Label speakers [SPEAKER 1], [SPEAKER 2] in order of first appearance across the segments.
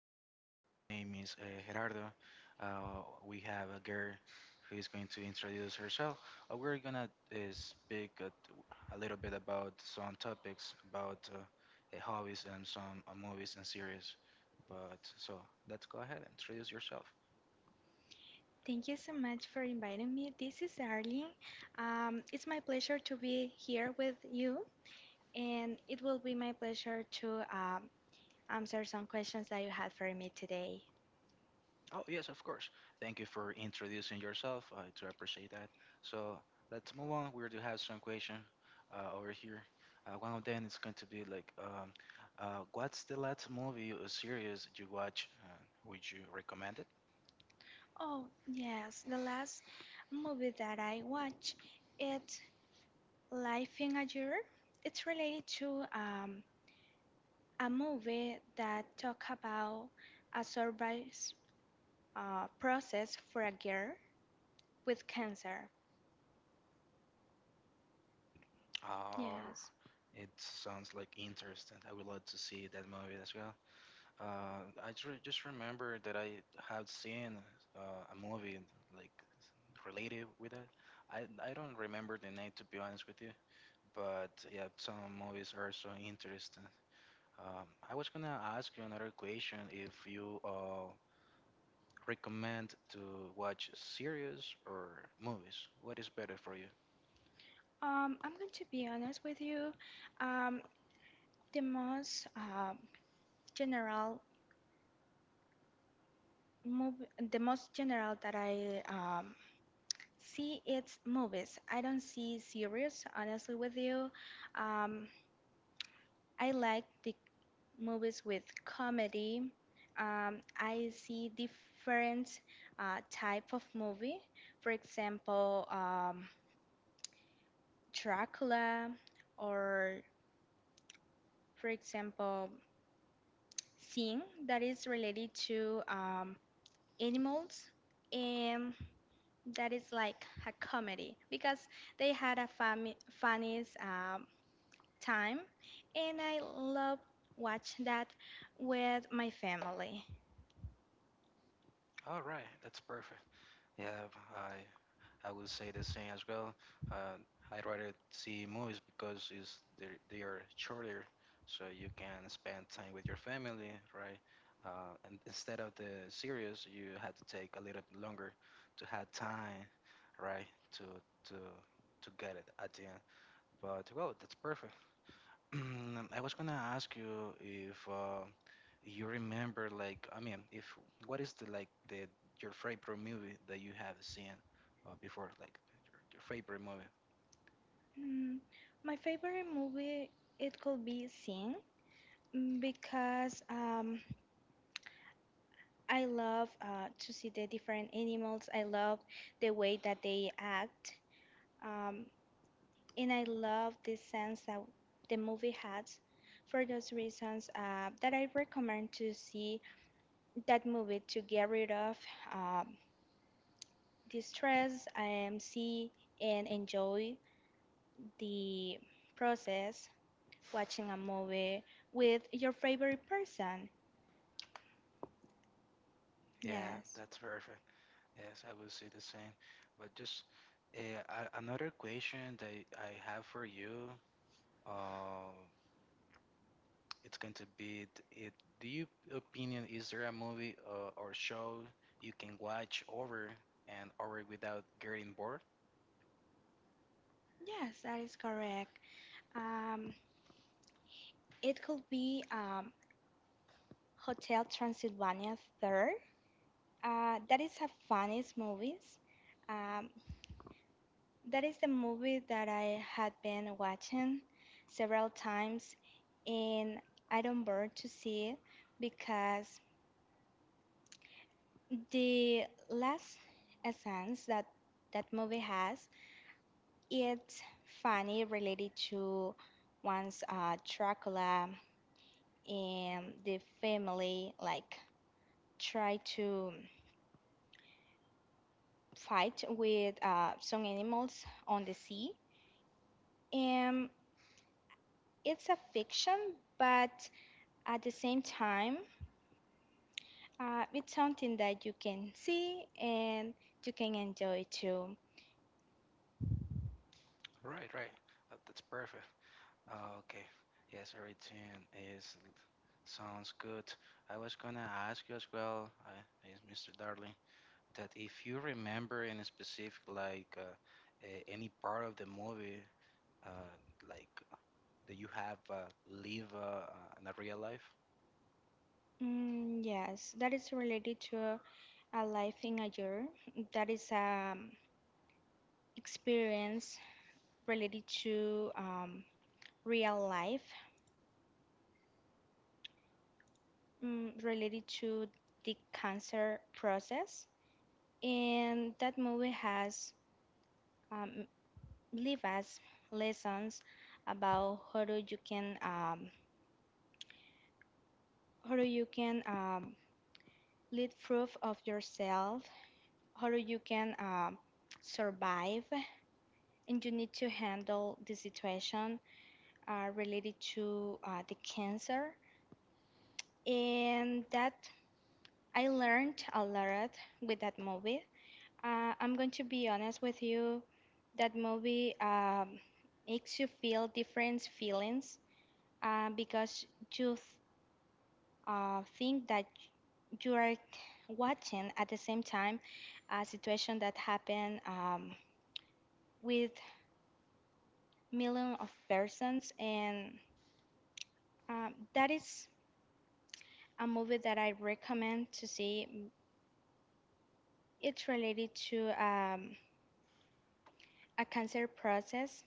[SPEAKER 1] We're here. Oh, my name is Gerardo. We have a girl who is going to introduce herself. We're gonna speak a little bit about some topics about hobbies and some movies and series. But so let's go ahead and introduce yourself.
[SPEAKER 2] Thank you so much for inviting me. This is Arlene. It's my pleasure to be here with you, and it will be my pleasure to answer some questions that you had for me today.
[SPEAKER 1] Oh, yes, of course. Thank you for introducing yourself. I do appreciate that. So let's move on. We do have some question over here. One of them is going to be like, what's the last movie or series you watch? Would you recommend it?
[SPEAKER 2] Oh, yes, the last movie that I watched, it's Life in a Year. It's related to a movie that talk about a survival process for a girl with cancer.
[SPEAKER 1] Or
[SPEAKER 2] Yes.
[SPEAKER 1] it sounds like interesting. I would love to see that movie as well. I just remember that I had seen a movie like related with that. I don't remember the name to be honest with you, but yeah, some movies are so interesting. I was gonna ask you another question if you recommend to watch series or movies. What is better for you?
[SPEAKER 2] I'm going to be honest with you. Um, the most general movie, the most general that I see, it's movies. I don't see series, honestly with you. Um, I like the movies with comedy. I see different type of movie. For example, Dracula, or for example, thing that is related to animals, and that is like a comedy because they had a funny time, and I love watch that with my family.
[SPEAKER 1] All right, that's perfect. Yeah, I I would say the same as well. Uh, I'd rather see movies because they are shorter, so you can spend time with your family, right? And instead of the series, you had to take a little bit longer to have time, right? To to to get it at the end. But well, that's perfect. I was gonna ask you if you remember, like, I mean, if what is the your favorite movie that you have seen before, like your favorite movie?
[SPEAKER 2] Mm, my favorite movie it could be Sing, because I love to see the different animals. I love the way that they act. Um, and I love this sense that the movie has. For those reasons, that I recommend to see that movie to get rid of um, the stress and see and enjoy the process watching a movie with your favorite person.
[SPEAKER 1] Yeah,
[SPEAKER 2] Yes,
[SPEAKER 1] that's perfect. Yes, I will say the same. But just uh, another question that I have for you, uh, it's going to be, do you opinion is there a movie or show you can watch over and over without getting bored?
[SPEAKER 2] yes, that is correct. Um, it could be Hotel Transylvania 3. That is a funniest movies. Um, That is the movie that I had been watching several times, and I don't bother to see it because the last essence that that movie has, it's funny, related to one's Dracula and the family, like try to fight with some animals on the sea. And it's a fiction, but at the same time, it's something that you can see and you can enjoy too.
[SPEAKER 1] Right, right. That's perfect. Okay. Yes, everything is sounds good. I was gonna ask you as well, is Mr. Darling, that if you remember in a specific, like any part of the movie, uh, like that you have live in the real life.
[SPEAKER 2] Mm, yes, that is related to a life in a year. That is experience related to real life, related to the cancer process. And that movie has um, leave us lessons about how do you can how do you can um, lead proof of yourself, how you can survive, and you need to handle the situation related to the cancer. And that I learned a lot with that movie. I'm going to be honest with you, that movie makes you feel different feelings because you think that you are watching at the same time a situation that happened with million of persons, and that is a movie that I recommend to see. It's related to a cancer process,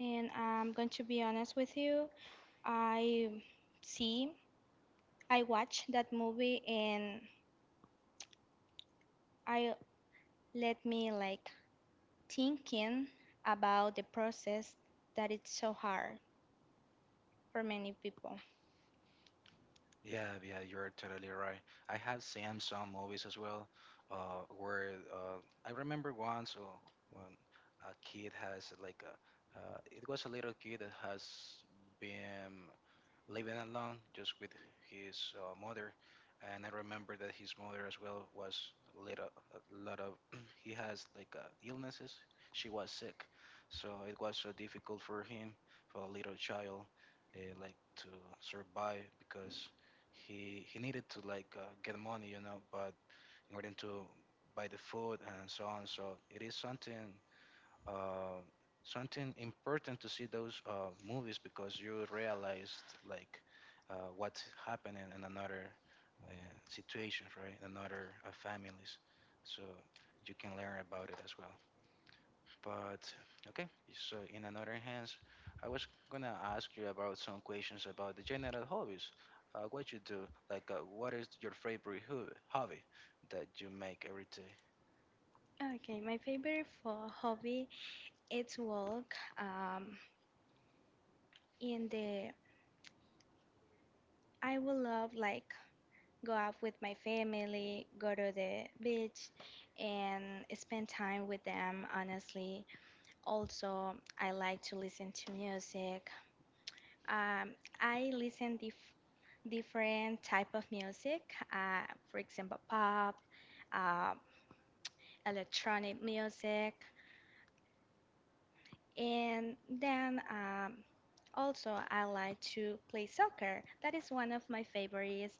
[SPEAKER 2] and I'm going to be honest with you. I see, I watched that movie, and I let me like thinking about the process that it's so hard for many people.
[SPEAKER 1] Yeah, yeah, you're totally right. I have seen some movies as well, where I remember once when a kid has like it was a little kid that has been living alone just with his mother and I remember that his mother as well was a little a lot of he has like illnesses, she was sick, so it was so difficult for him, for a little child, like to survive because he needed to like get money, you know, but in order to buy the food and so on. So it is something uh, something important to see those movies because you realized like what's happening in another uh, situations, right? In another families, so you can learn about it as well. But okay, so in another hands, I was gonna ask you about some questions about the general hobbies. What you do, like what is your favorite hobby that you make every day?
[SPEAKER 2] Okay, my favorite for hobby it's walk. In the I would love like go out with my family, go to the beach, and spend time with them, honestly. Also, I like to listen to music. Um, I listen different type of music, uh, for example, pop, uh, electronic music, and then also I like to play soccer. That is one of my favorite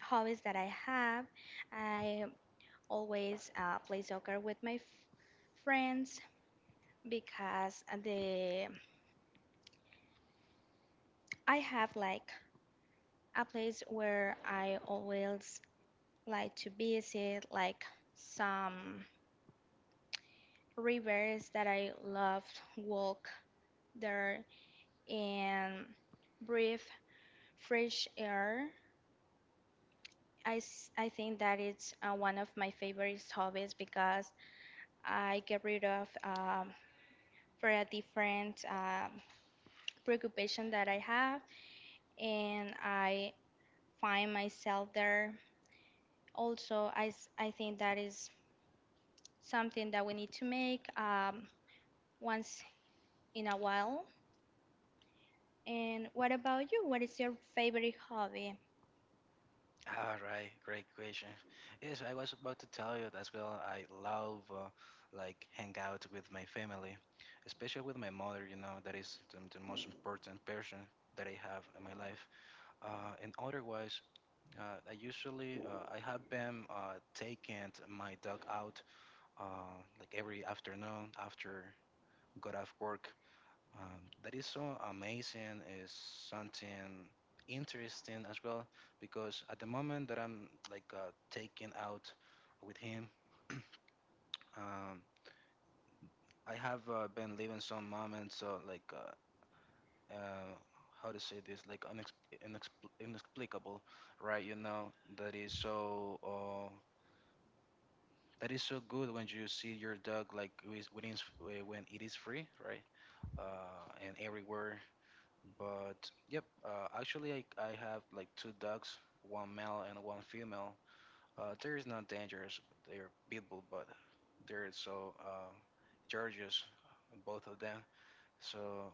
[SPEAKER 2] hobbies that I have. I always play soccer with my friends because the I have like a place where I always like to visit, like some rivers that I love walk there and breathe fresh air. I think that it's one of my favorite hobbies because I get rid of for a different preoccupation that I have, and I find myself there. Also, I think that is something that we need to make once in a while. And what about you? What is your favorite hobby?
[SPEAKER 1] All right, great question. Yes, I was about to tell you as well. I love like hang out with my family, especially with my mother. You know, that is the most important person that I have in my life. And otherwise, I usually I have been taking my dog out like every afternoon after got off work. That is so amazing, is something interesting as well, because at the moment that I'm like taking out with him, um, I have been living some moments uh, how to say this like unex inexpl inexplicable, right? You know that is so good when you see your dog like when it's, when it is free, right? And everywhere. But yep, actually, I have like two dogs, one male and one female. There is not dangerous. They're pit bull, but they're so gorgeous, both of them. So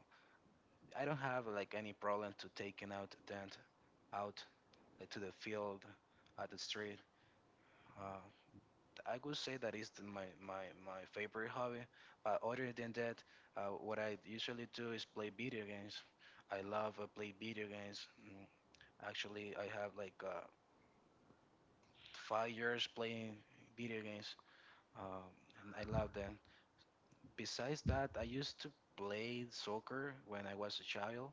[SPEAKER 1] I don't have like any problem to taking out them out like to the field, at the street. Uh, I would say that is my favorite hobby. But other than that, what I usually do is play video games. I love play video games. Actually, I have like 5 years playing video games, um, and I love them. Besides that, I used to play soccer when I was a child,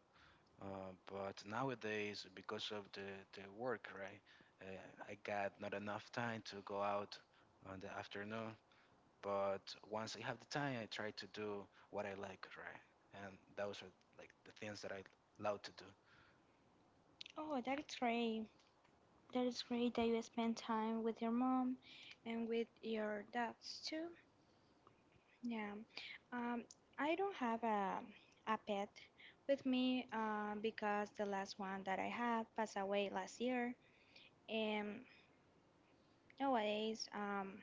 [SPEAKER 1] but nowadays, because of the work, right, I got not enough time to go out on the afternoon. But once I have the time, I try to do what I like, right? And those are like the things that I love to do.
[SPEAKER 2] Oh, that is great. That is great that you spend time with your mom and with your dogs too. Yeah. Um, I don't have a pet with me because the last one that I had passed away last year. And nowadays,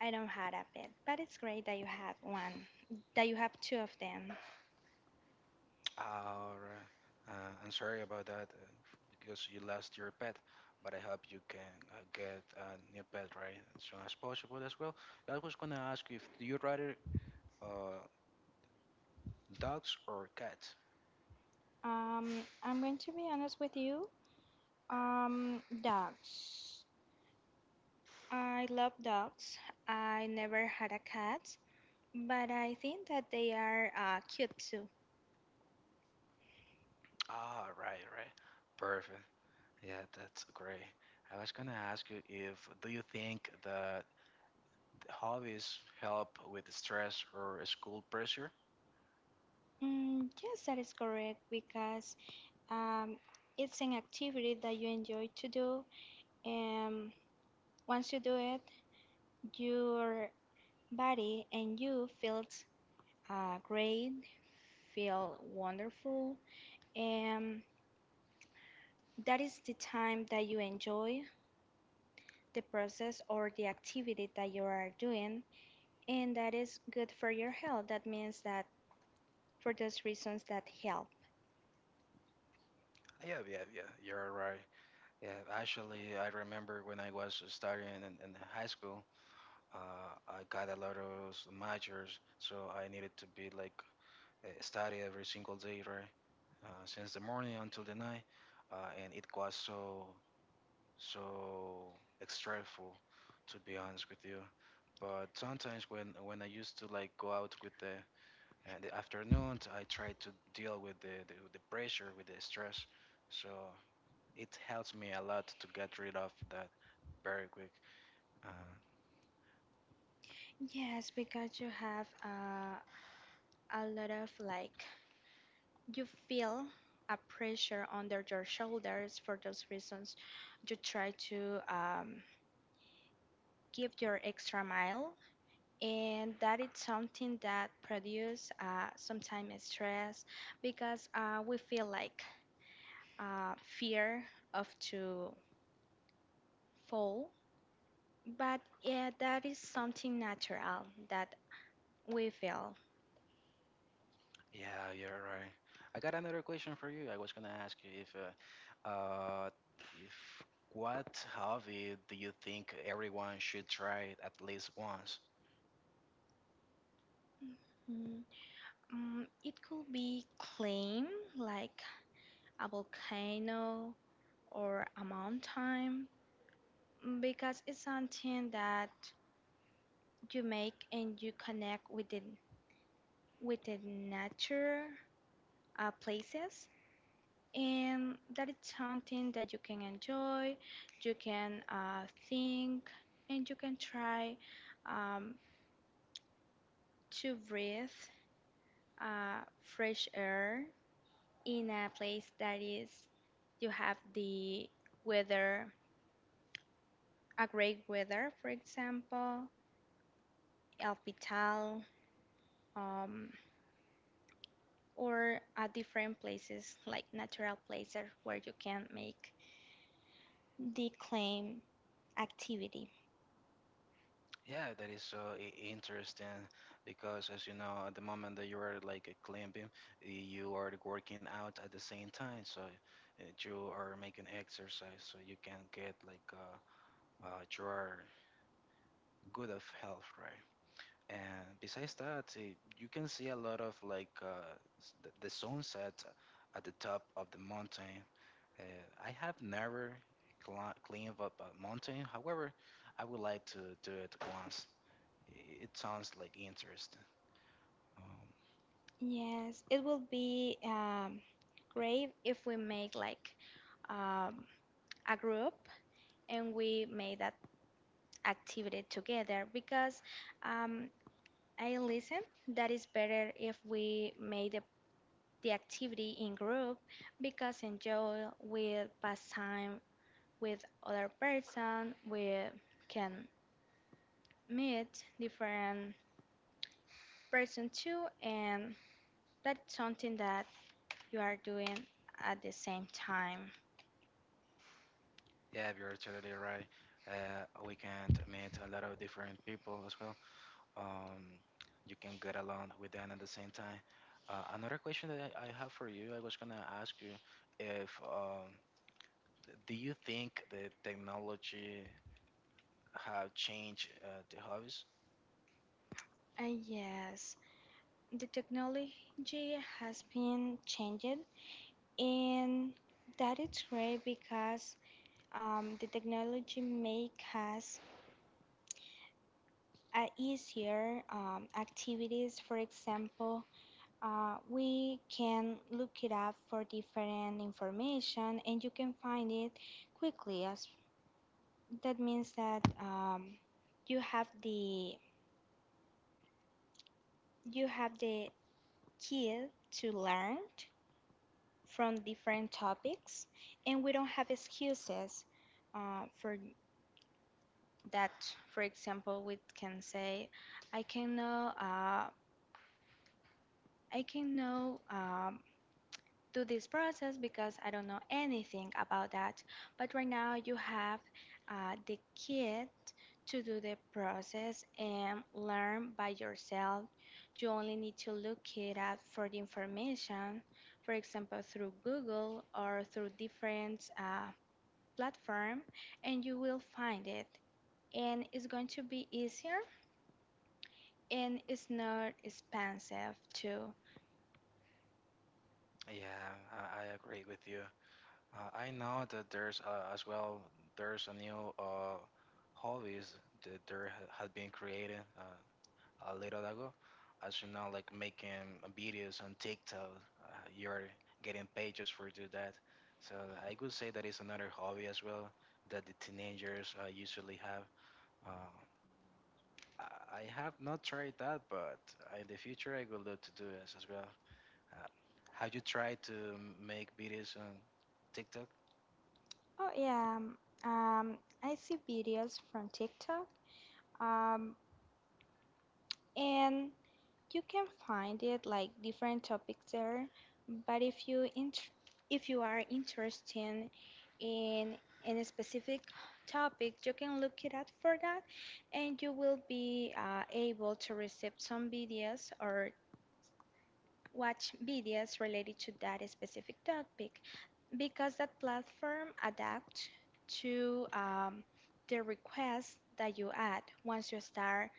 [SPEAKER 2] I don't have a pet, but it's great that you have one, that you have two of them.
[SPEAKER 1] All right. I'm sorry about that because you lost your pet, but I hope you can get a new pet right as soon as possible as well. I was gonna ask you if do you rather uh, dogs or cats?
[SPEAKER 2] Um, I'm going to be honest with you. Dogs. I love dogs. I never had a cat, but I think that they are cute too.
[SPEAKER 1] Ah, right, right. Perfect. Yeah, that's great. I was gonna ask you if do you think that the hobbies help with the stress or school pressure?
[SPEAKER 2] Mm, yes, that is correct because um, it's an activity that you enjoy to do, and once you do it, your body and you feels great, feel wonderful, and that is the time that you enjoy the process or the activity that you are doing, and that is good for your health. That means that for those reasons that help.
[SPEAKER 1] Yeah, yeah, yeah. You're right. Yeah, actually, I remember when I was studying in high school. I got a lot of those majors, so I needed to be like study every single day, right? Since the morning until the night, and it was so so stressful, to be honest with you. But sometimes when I used to like go out with the afternoons, I try to deal with the pressure, with the stress. So it helps me a lot to get rid of that very quick. Uh,
[SPEAKER 2] Yes, because you have a lot of, like, you feel a pressure under your shoulders. For those reasons, you try to give your extra mile, and that it's something that produce sometimes stress, because we feel like fear of to fall, but yeah, that is something natural that we feel.
[SPEAKER 1] Yeah, you're right. I got another question for you. I was gonna ask you if what hobby do you think everyone should try at least once?
[SPEAKER 2] Mm, it could be claim like a volcano or a mountain, because it's something that you make, and you connect with the nature places, and that is something that you can enjoy. You can think, and you can try um, to breathe fresh air in a place that is you have the weather, a great weather, for example, El Pital, um, or at different places like natural places where you can make the claim activity.
[SPEAKER 1] Yeah, that is so interesting because, as you know, at the moment that you are like climbing, you are working out at the same time, so you are making exercise, so you can get like you are good of health, right? And besides that, you can see a lot of like the sunset at the top of the mountain. Uh, I have never climbed up a mountain. However, I would like to do it once. It sounds like interesting. Um,
[SPEAKER 2] Yes, it will be great if we make, like, um, a group, and we make that activity together, because um, I listen that is better if we make the activity in group, because enjoy will pass time with other person, we can meet different person too, and that's something that you are doing at the same time.
[SPEAKER 1] yeah, you're totally right. We can meet a lot of different people as well. Um, you can get along with them at the same time. Another question that I have for you, I was gonna ask you if do you think the technology have changed the hobbies?
[SPEAKER 2] Yes, the technology has been changed, and that is great because the technology make us easier activities. For example, we can look it up for different information, and you can find it quickly. As that means that you have the you have the key to learn from different topics, and we don't have excuses for that. For example, we can say, "I can know, I can know." Um, do this process because I don't know anything about that. But right now you have the kit to do the process and learn by yourself. You only need to look it up for the information, for example, through Google or through different platform, and you will find it. And it's going to be easier, and it's not expensive too.
[SPEAKER 1] Yeah, I agree with you. I know that there's as well there's a new hobbies that there had been created a little ago. As you know, like making videos on TikTok, uh, you're getting pages for do that. So I would say that is another hobby as well that the teenagers usually have. Uh, I I have not tried that, but in the future I would love to do this as well. Uh, have you tried to make videos on TikTok?
[SPEAKER 2] Oh, yeah. I see videos from TikTok, um, and you can find it like different topics there. But if you are interested in in a specific topic, you can look it up for that, and you will be able to receive some videos or watch videos related to that specific topic, because that platform adapt to the request that you add once you start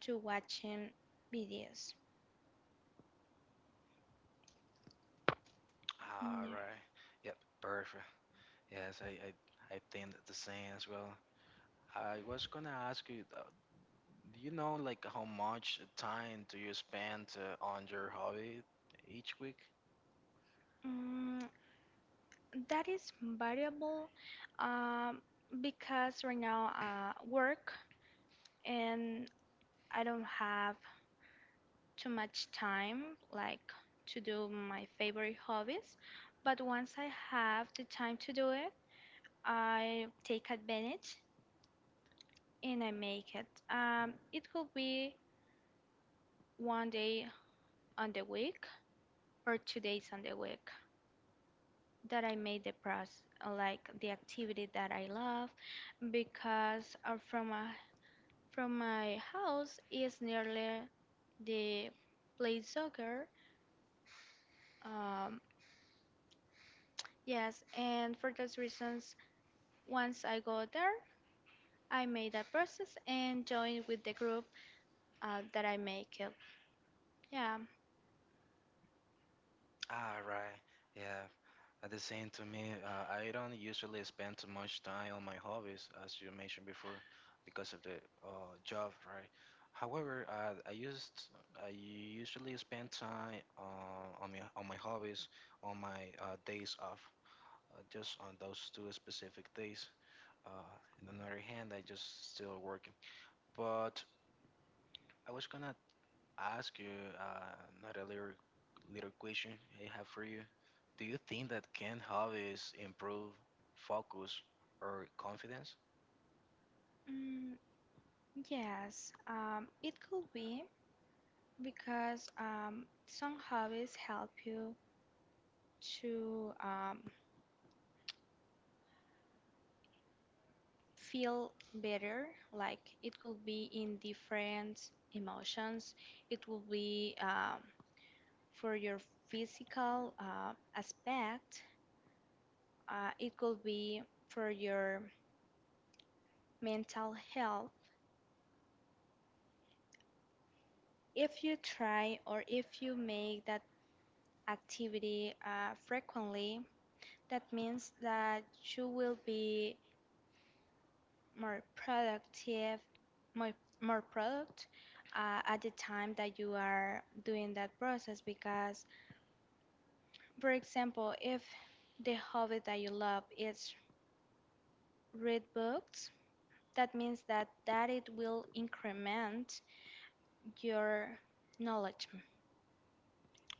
[SPEAKER 2] to watching videos.
[SPEAKER 1] All
[SPEAKER 2] Yeah.
[SPEAKER 1] right. Yep. Perfect. Yes, I think that the same as well. I was gonna ask you, do you know like how much time do you spend on your hobby each week?
[SPEAKER 2] Mm, that is variable um, because right now work, and I don't have too much time like to do my favorite hobbies. But once I have the time to do it, I take advantage, and I make it. It could be one day on the week or 2 days on the week that I made the process, like the activity that I love, because from my house is nearly the play soccer. Um, yes, and for those reasons, once I go there, I made a process and join with the group that I make it. Yeah.
[SPEAKER 1] All right. Yeah. At the same to me, I don't usually spend too much time on my hobbies, as you mentioned before, because of the job, right? However, I usually spend time on my hobbies on my days off, just on those two specific days. Uh, and on the other hand, I just still working. But I was gonna I ask you uh, not a little question I have for you. Do you think that can hobbies improve focus or confidence?
[SPEAKER 2] Mm. Yes, it could be because some hobbies help you to feel better. Like, it could be in different emotions. It will be for your physical aspect. It could be for your mental health. If you try or if you make that activity frequently, that means that you will be more productive, more product at the time that you are doing that process. Because, for example, if the hobby that you love is read books, that means that it will increment your knowledge,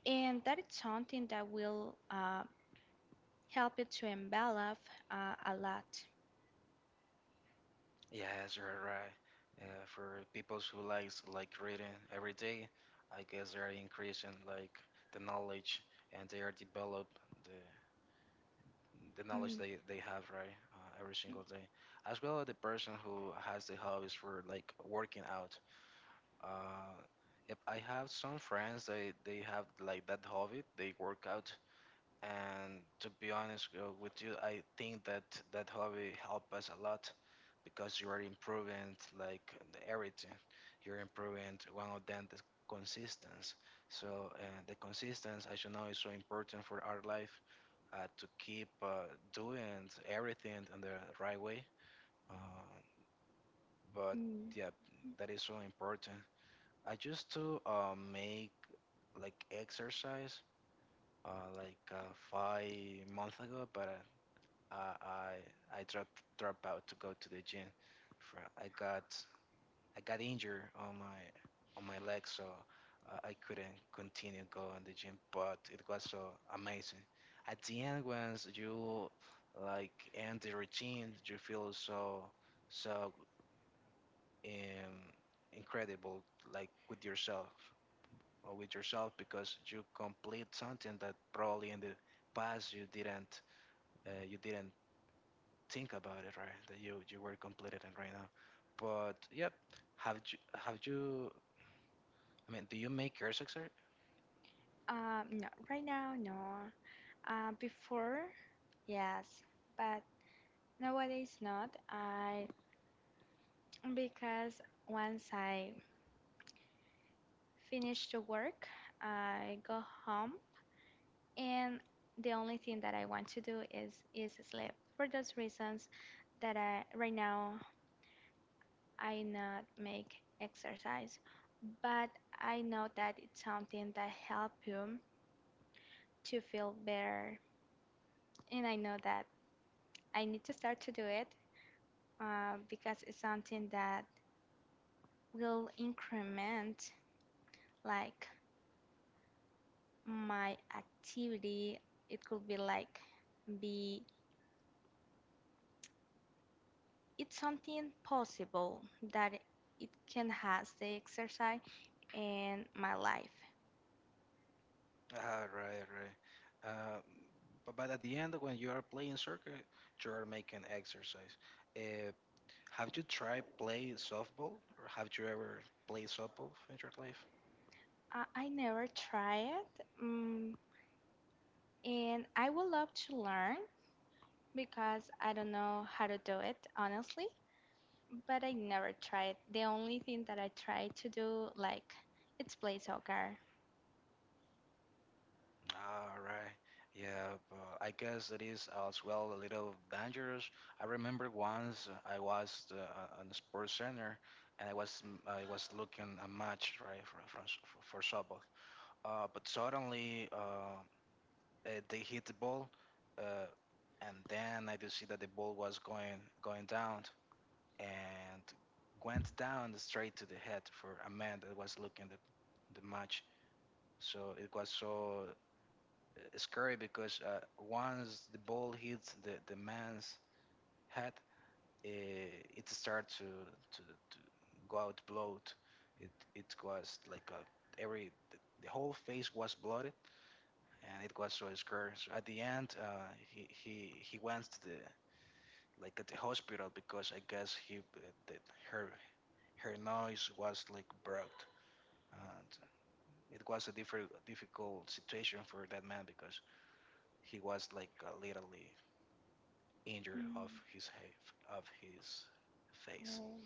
[SPEAKER 2] and that is something that will help you to envelop a lot.
[SPEAKER 1] Yes, you're right. For people who likes like reading every day, I guess they're increasing like the knowledge and they are develop the the knowledge
[SPEAKER 2] Mm,
[SPEAKER 1] they have right every single day. As well as the person who has the hobbies for like working out. Uh, yep, I have some friends. They have like that hobby. They work out, and to be honest with you, I think that that hobby help us a lot because you are improving like the everything. You're improving one of them the consistency. So the consistency, as you know, is so important for our life to keep doing everything in the right way. Uh, but
[SPEAKER 2] mm.
[SPEAKER 1] yeah, that is so important. I used to make like exercise like 5 months ago, but I dropped drop out to go to the gym. For, I got injured on my leg, so I couldn't continue going to the gym. But it was so amazing. At the end, once you like end the routine, you feel so um, incredible, like with yourself because you complete something that probably in the past you didn't think about it, right? That you were completed and right now. But yep, have you? I mean, do you make your success?
[SPEAKER 2] No, right now, no. Before, yes, but nowadays not. I Because once I finish the work, I go home, and the only thing that I want to do is sleep. For those reasons that I right now I not make exercise, but I know that it's something that help you to feel better, and I know that I need to start to do it, because it's something that will increment like my activity. It could be like be it's something possible that it can has the exercise in my life.
[SPEAKER 1] Ah, right, right. Uh, but at the end, when you are playing soccer, you are making exercise. Uh, have you tried play softball, or have you ever played softball in your life?
[SPEAKER 2] I never try it. And I would love to learn because I don't know how to do it honestly, but I never tried. The only thing that I try to do like it's play soccer.
[SPEAKER 1] All right. Yeah, but I guess it is as well a little dangerous. I remember once I was on the sports center and I was looking a match right for softball. But suddenly they hit the ball, uh, and then I did see that the ball was going down and went down straight to the head for a man that was looking the match. So it was so scary because once the ball hits the man's head, uh, it starts to go out blood. It was like a, every the whole face was blooded and it was so scary. So at the end, he went to the like at the hospital because I guess he the, her her nose was like broke and it was a different difficult situation for that man because he was like literally injured of
[SPEAKER 2] Mm,
[SPEAKER 1] his face.
[SPEAKER 2] well,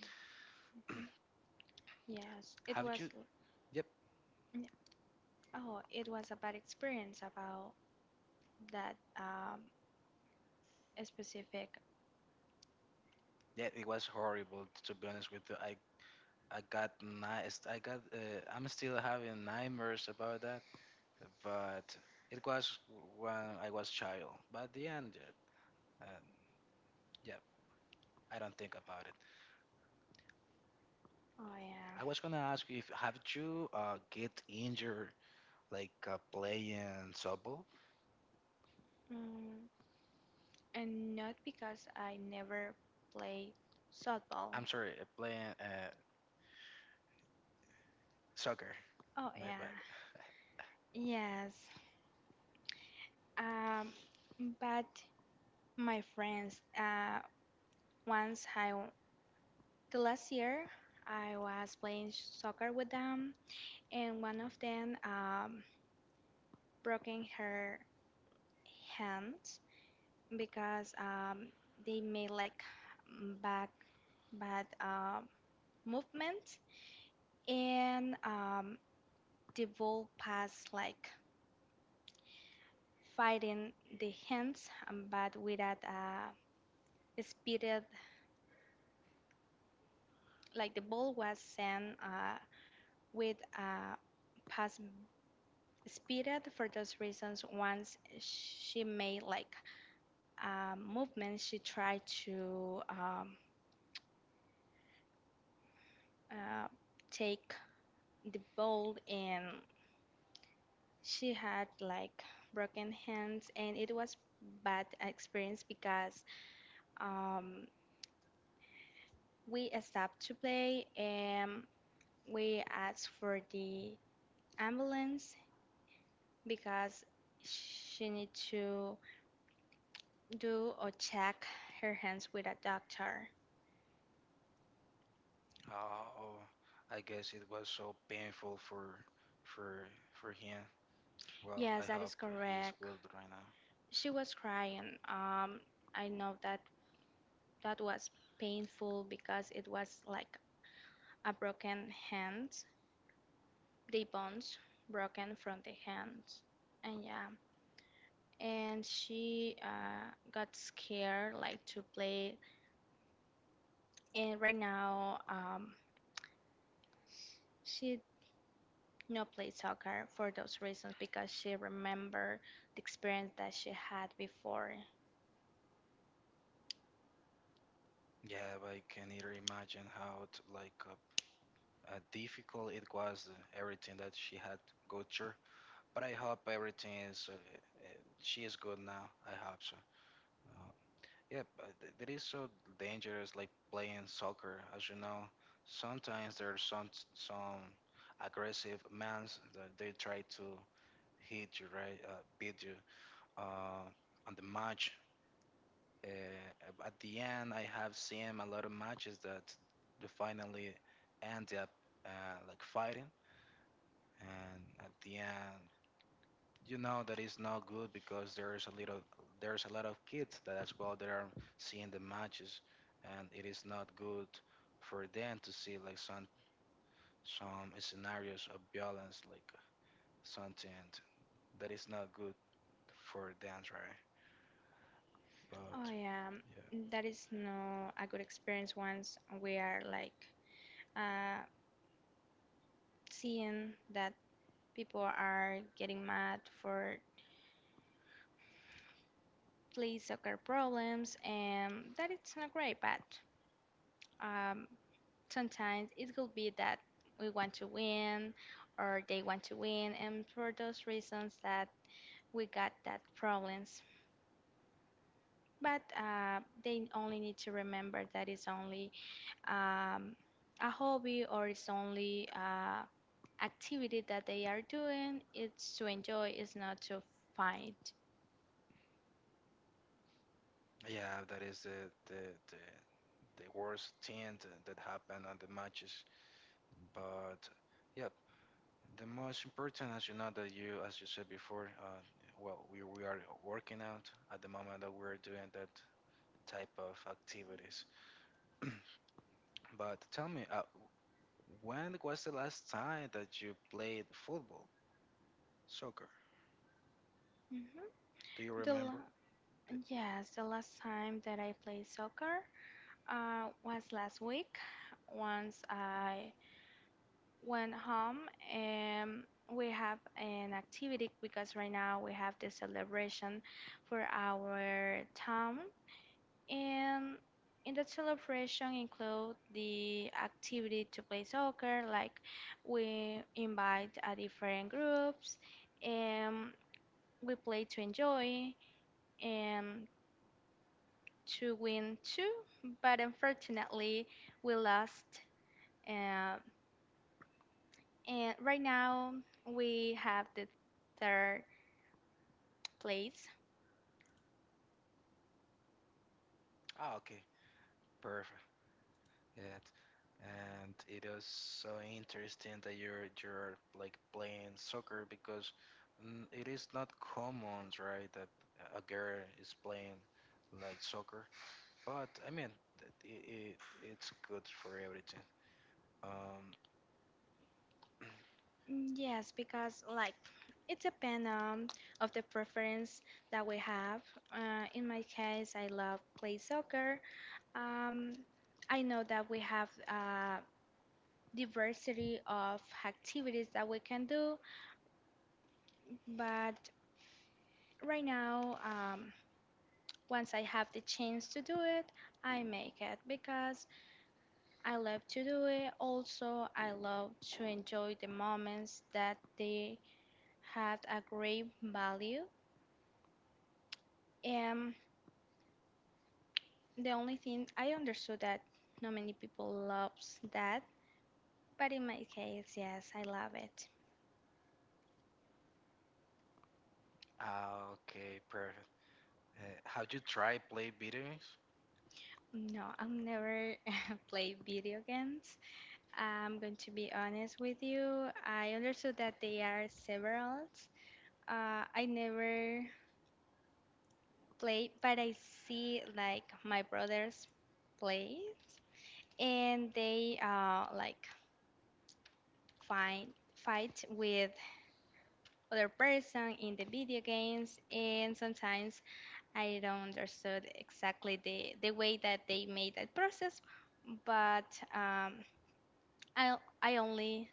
[SPEAKER 2] mhm. Yes, it
[SPEAKER 1] Have
[SPEAKER 2] was.
[SPEAKER 1] you? Yep.
[SPEAKER 2] Oh, it was a bad experience about that, specific.
[SPEAKER 1] Yeah, it was horrible to be honest with you. I got nice. I got. I'm still having nightmares about that. But it was when I was child. But at the end, yeah, and yeah, I don't think about it.
[SPEAKER 2] Oh yeah,
[SPEAKER 1] I was gonna ask you if have you get injured like playing softball?
[SPEAKER 2] mm, and not because I never played softball.
[SPEAKER 1] I'm sorry, playing soccer.
[SPEAKER 2] Oh
[SPEAKER 1] My
[SPEAKER 2] yeah,
[SPEAKER 1] bad.
[SPEAKER 2] yes. Um, but my friends, once I the last year I was playing soccer with them, and one of them broken her hand, because they made like, mm, bad bad movements, and the ball pass like fighting the hands, but without a speeded, like the ball was sent with a pass speeded. For those reasons once she made like a movement, she tried to, uh, take the ball, and she had like broken hands, and it was bad experience because, um, we stopped to play and we asked for the ambulance because she need to do or check her hands with a doctor.
[SPEAKER 1] Oh, I guess it was so painful for him. Well, I
[SPEAKER 2] Yes, that is
[SPEAKER 1] hope he's
[SPEAKER 2] correct.
[SPEAKER 1] good right now.
[SPEAKER 2] She was crying. I know that that was painful because it was like a broken hand, the bones broken from the hands. And yeah, and she got scared like to play, and right now she no play soccer for those reasons, because she remember the experience that she had before.
[SPEAKER 1] Yeah, but I can either imagine how t like difficult it was everything that she had go through. But I hope everything is she is good now. I hope so. Uh, yeah, but that is so dangerous, like playing soccer. As you know, sometimes there are some aggressive men that they try to hit you, right? Beat you uh, on the match. At the end, I have seen a lot of matches that they finally end up uh, like fighting, and at the end, you know that it's not good because there's a lot of kids that as well that are seeing the matches, and it is not good for them to see like some scenarios of violence, like something that is not good for them, right?
[SPEAKER 2] Oh
[SPEAKER 1] But
[SPEAKER 2] yeah,
[SPEAKER 1] yeah.
[SPEAKER 2] that is no a good experience. Once we are like uh, seeing that people are getting mad for play soccer problems, and that it's not great. But um, sometimes it could be that we want to win or they want to win, and for those reasons that we got that problems. But they only need to remember that it's only um, a hobby, or it's only activity that they are doing. It's to enjoy, it's not to fight.
[SPEAKER 1] Yeah, that is the, the worst thing that happened on the matches. But yeah, the most important, as you know, that you, as you said before, well, we are working out at the moment that we're doing that type of activities. But tell me, when was the last time that you played football, soccer?
[SPEAKER 2] hmm
[SPEAKER 1] Do you
[SPEAKER 2] the
[SPEAKER 1] remember?
[SPEAKER 2] la-
[SPEAKER 1] The-
[SPEAKER 2] yes, the last time that I played soccer was last week, once I when home. um, we have an activity because right now we have the celebration for our town, and in that celebration include the activity to play soccer. Like we invite a different groups, and we play to enjoy and to win too. But unfortunately, we lost. Uh, and right now we have the third place?
[SPEAKER 1] Ah, okay, perfect. Yeah, and it is so interesting that you're like playing soccer because it is not common, right, that a girl is playing like soccer. But I mean, that I it it's good for everything. Um,
[SPEAKER 2] Yes, because like it depends of the preference that we have. In my case, I love play soccer. Um, I know that we have a diversity of activities that we can do, but right now, once I have the chance to do it, I make it because I love to do it. Also, I love to enjoy the moments that the had a great value. And the only thing I understood that not many people loves that, but in my case, yes, I love it.
[SPEAKER 1] ah, okay, perfect. How do you try play video games?
[SPEAKER 2] No, I am never play video games. I'm going to be honest with you. I understood that they are several. I never played, but I see like my brothers play, and they like find fight with other person in the video games. And sometimes I don't understood exactly the way that they made that process. But um, I, I only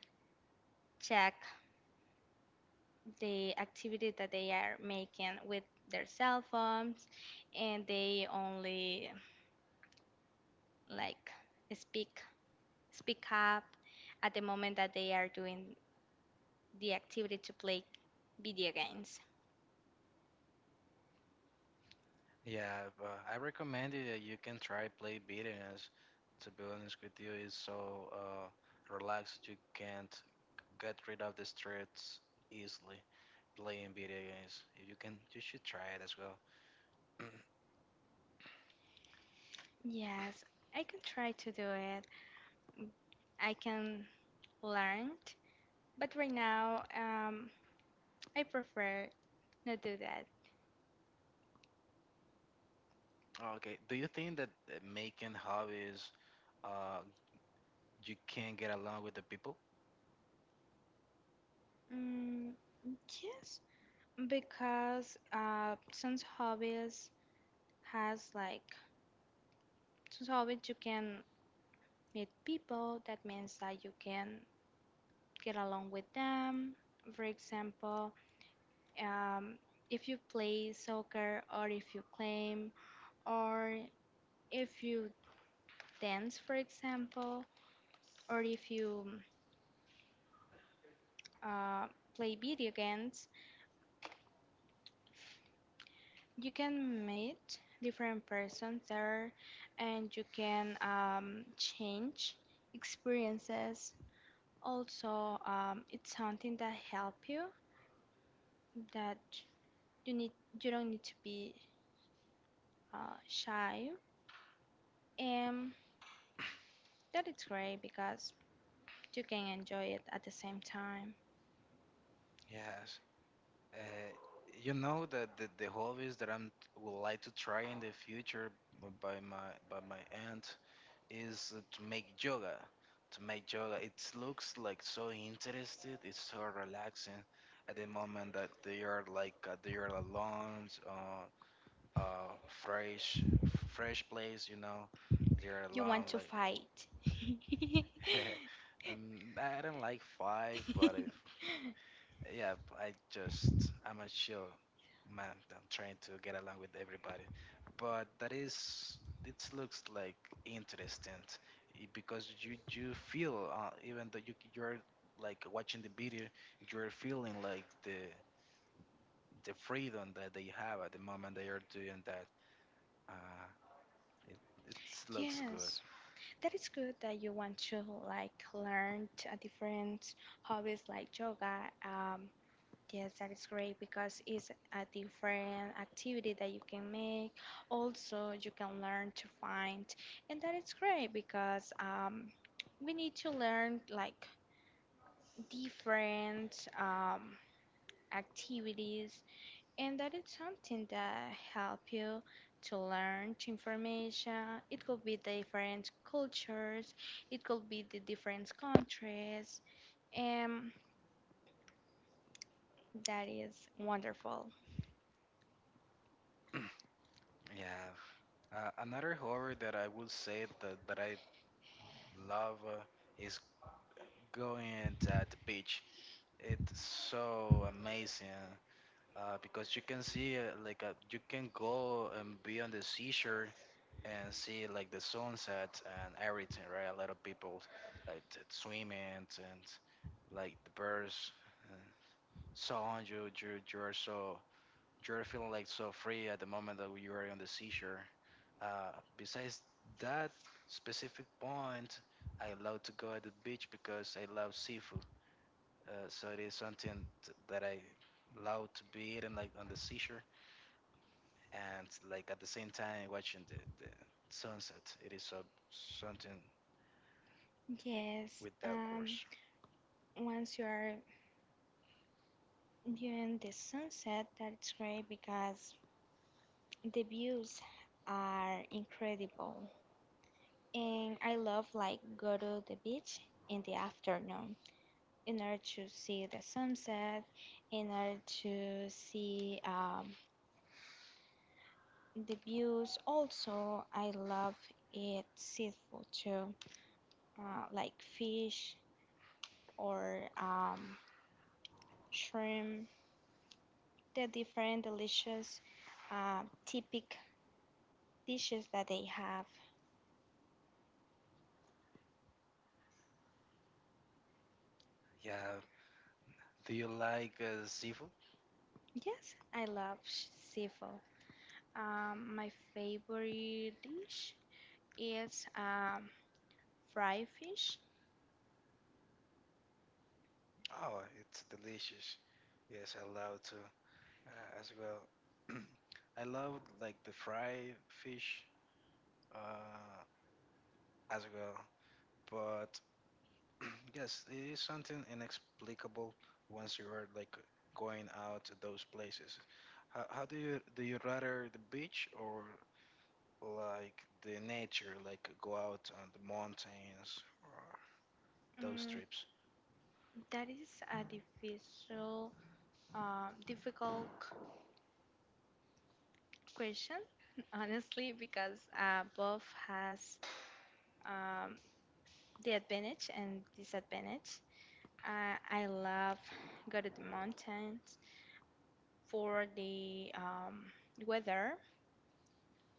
[SPEAKER 2] check the activity that they are making with their cell phones, and they only like speak speak up at the moment that they are doing the activity to play video games.
[SPEAKER 1] Yeah, but I recommend you that you can try play beating as to be honest with you is so relaxed you can't get rid of the stress easily playing video games. If you can you should try it as well.
[SPEAKER 2] Yes, I can try to do it. I can learned, but right now, I prefer not do that.
[SPEAKER 1] Okay. Do you think that making hobbies uh, you can get along with the people?
[SPEAKER 2] Mm, yes, because since hobbies has like, since hobbies you can meet people. That means that you can get along with them. For example, um, if you play soccer, or if you climb, or if you dance, for example, or if you uh, play video games, you can meet different persons there, and you can change experiences. Also, it's something that help you that you need, you don't need to be shy, and that it's great because you can enjoy it at the same time.
[SPEAKER 1] Yes. Uh, you know that the hobbies that I'm would like to try in the future by my aunt is to make yoga. To make yoga, it looks like so interested. It's so relaxing at the moment that they are alone, uh, fresh, fresh place. You know, they are
[SPEAKER 2] You want
[SPEAKER 1] alone.
[SPEAKER 2] to
[SPEAKER 1] Like,
[SPEAKER 2] fight.
[SPEAKER 1] and I don't like five, but if. Yeah, I'm a chill man. I'm trying to get along with everybody, but that is it looks like interesting because you feel even though you're like watching the video, you're feeling like the freedom that they have at the moment they are doing that. Uh, it it looks good.
[SPEAKER 2] Yes. That is good that you want to like learn a different hobbies like yoga. Yes, that is great because it's a different activity that you can make. Also, you can learn to find, and that is great because we need to learn like different activities, and that is something that help you to learn information. It could be different cultures, it could be the different countries, and that is wonderful.
[SPEAKER 1] Yeah. Another hobby that I would say that I love is going at the beach. It's so amazing because you can see like you can go and be on the seashore and see like the sunset and everything, right? A lot of people like swimming and like the birds and so on. You're feeling like so free at the moment that you are on the seashore. Besides that specific point, I love to go at the beach because I love seafood. So it is something that I love to be eating, like on the seashore, and like at the same time watching the sunset. It is so, something
[SPEAKER 2] Yes,
[SPEAKER 1] without course.
[SPEAKER 2] once you are viewing the sunset, that's great because the views are incredible. And I love like go to the beach in the afternoon in order to see the sunset, in order to see the views. Also, I love eat seafood too, like fish or shrimp. The different delicious, typic dishes that they have.
[SPEAKER 1] Yeah. Do you like seafood?
[SPEAKER 2] Yes, I love seafood. My favorite dish is fried fish.
[SPEAKER 1] Oh, it's delicious. Yes, I love to as well. I love like the fried fish uh, as well, but yes, it is something inexplicable once you are like going out to those places. How do you rather the beach or like the nature, like go out on the mountains or those
[SPEAKER 2] Mm,
[SPEAKER 1] trips?
[SPEAKER 2] that is a difficult um, difficult c- question, honestly, because both has um, the advantage and disadvantage. I love go to the mountains for the weather,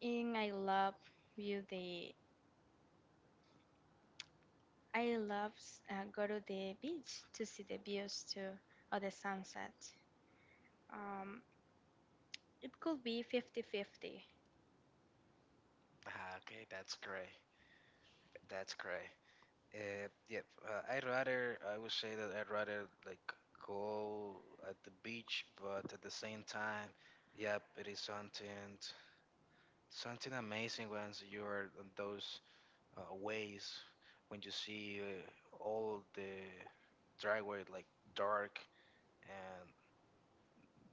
[SPEAKER 2] and I love view the, I love go to the beach to see the views too, or the sunset. Um, it could be 50-50.
[SPEAKER 1] Ah, okay, that's great. That's great. Yep. I would say that I'd rather like go at the beach, but at the same time, yep, it is something amazing once you are on those ways when you see all the driveway like dark and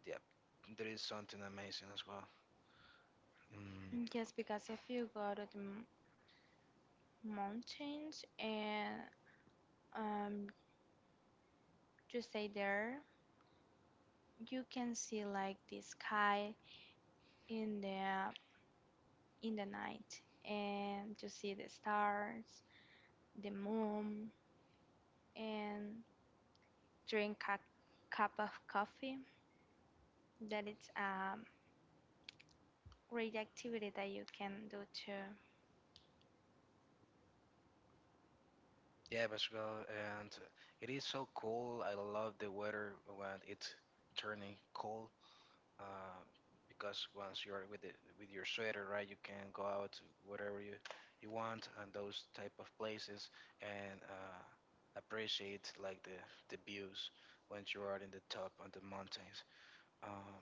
[SPEAKER 1] yep, there is something amazing as well. Mm.
[SPEAKER 2] Yes, because if you go to the mountains and um, you stay there, you can see like the sky in the, in the night, and you see the stars, the moon, and drink a cup of coffee. That it's a great activity that you can do too.
[SPEAKER 1] Yeah, Portugal, and it is so cool. I love the weather when it's turning cold. Uh, because once you're with with your sweater, right, you can go out wherever you want and those type of places and appreciate like the views when you are in the top of the mountains. Um,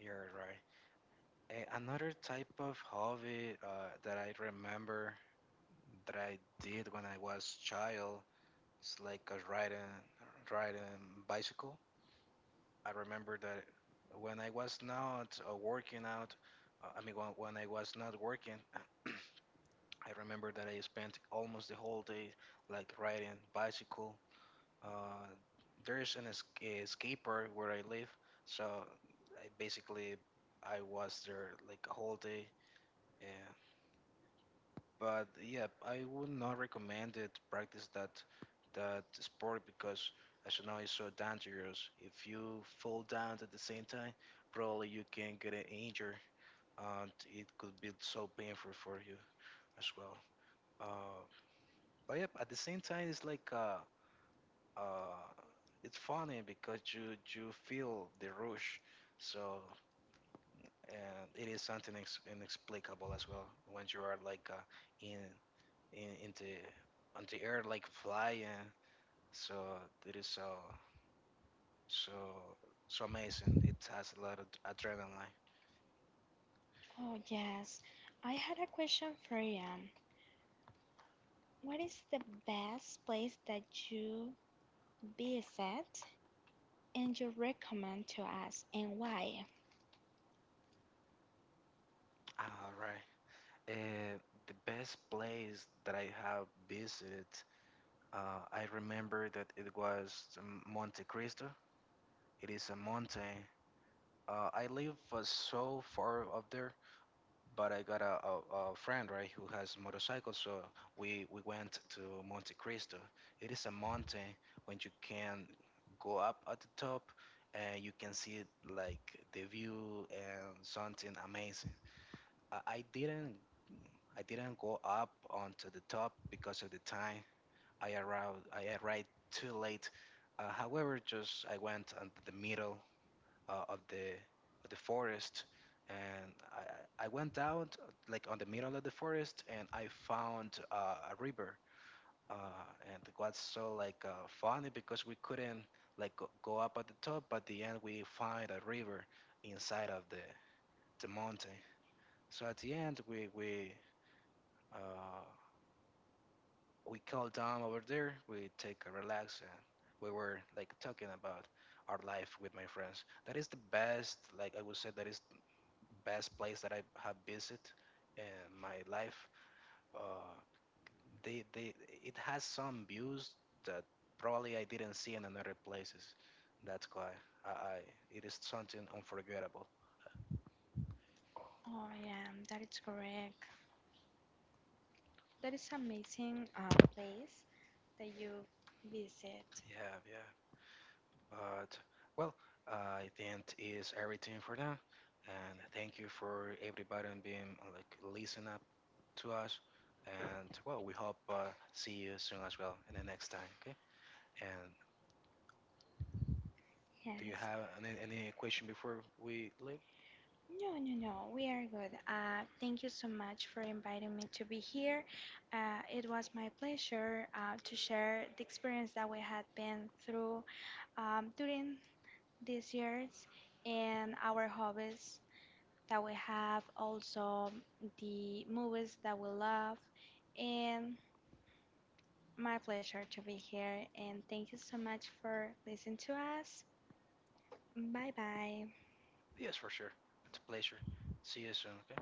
[SPEAKER 1] you're right. Another type of hobby that I remember that I did when I was child. It's like a riding bicycle. I remember that when I was not working out, I mean when I was not working, I remember that I spent almost the whole day like riding bicycle. Uh, there's a skate park where I live, so I basically I was there like a whole day. Yeah. But yeah, I would not recommend it. Practice that sport because, as you know, it's so dangerous. If you fall down at the same time, probably you can get an injury, and it could be so painful for you as well. Uh, but yeah, at the same time, it's like uh, it's funny because you feel the rush. So and it is something ex inexplicable as well when you are like in in the on the air like flying. So it is so so so amazing. It has a lot of adrenaline.
[SPEAKER 2] Oh yes, I had a question for you. What is the best place that you visit and you recommend to us, and why?
[SPEAKER 1] All right. Uh, the best place that I have visited, I remember that it was Monte Cristo. It is a mountain. I live so far up there but I got a friend right who has motorcycles, so we went to Monte Cristo. It is a mountain when you can go up at the top and you can see like the view and something amazing. I, I didn't I didn't go up onto the top because of the time. I arrived too late. However, just I went on the middle of the forest, and I went out like on the middle of the forest, and I found a river. And it was so like funny because we couldn't like go up at the top, but at the end we find a river inside of the mountain. So at the end uh, we call down over there. We take a relax and we were like talking about our life with my friends. That is the best. Like I would say, that is best place that I have visited in my life. Uh, they, they, it has some views that probably I didn't see in another places. That's why I it is something unforgettable.
[SPEAKER 2] Oh yeah, that is correct. That is amazing place that you visit.
[SPEAKER 1] Yeah, yeah. But well, I think is everything for now. And thank you for everybody and being like listen up to us. And well, we hope see you soon as well in the next time. Okay. And do you
[SPEAKER 2] Yes.
[SPEAKER 1] have any question before we leave?
[SPEAKER 2] No, no, no. We are good. Thank you so much for inviting me to be here. It was my pleasure to share the experience that we had been through during these years, and our hobbies that we have, also the movies that we love. And my pleasure to be here. And thank you so much for listening to us. Bye bye.
[SPEAKER 1] Yes, for sure. It's a pleasure. See you soon, okay?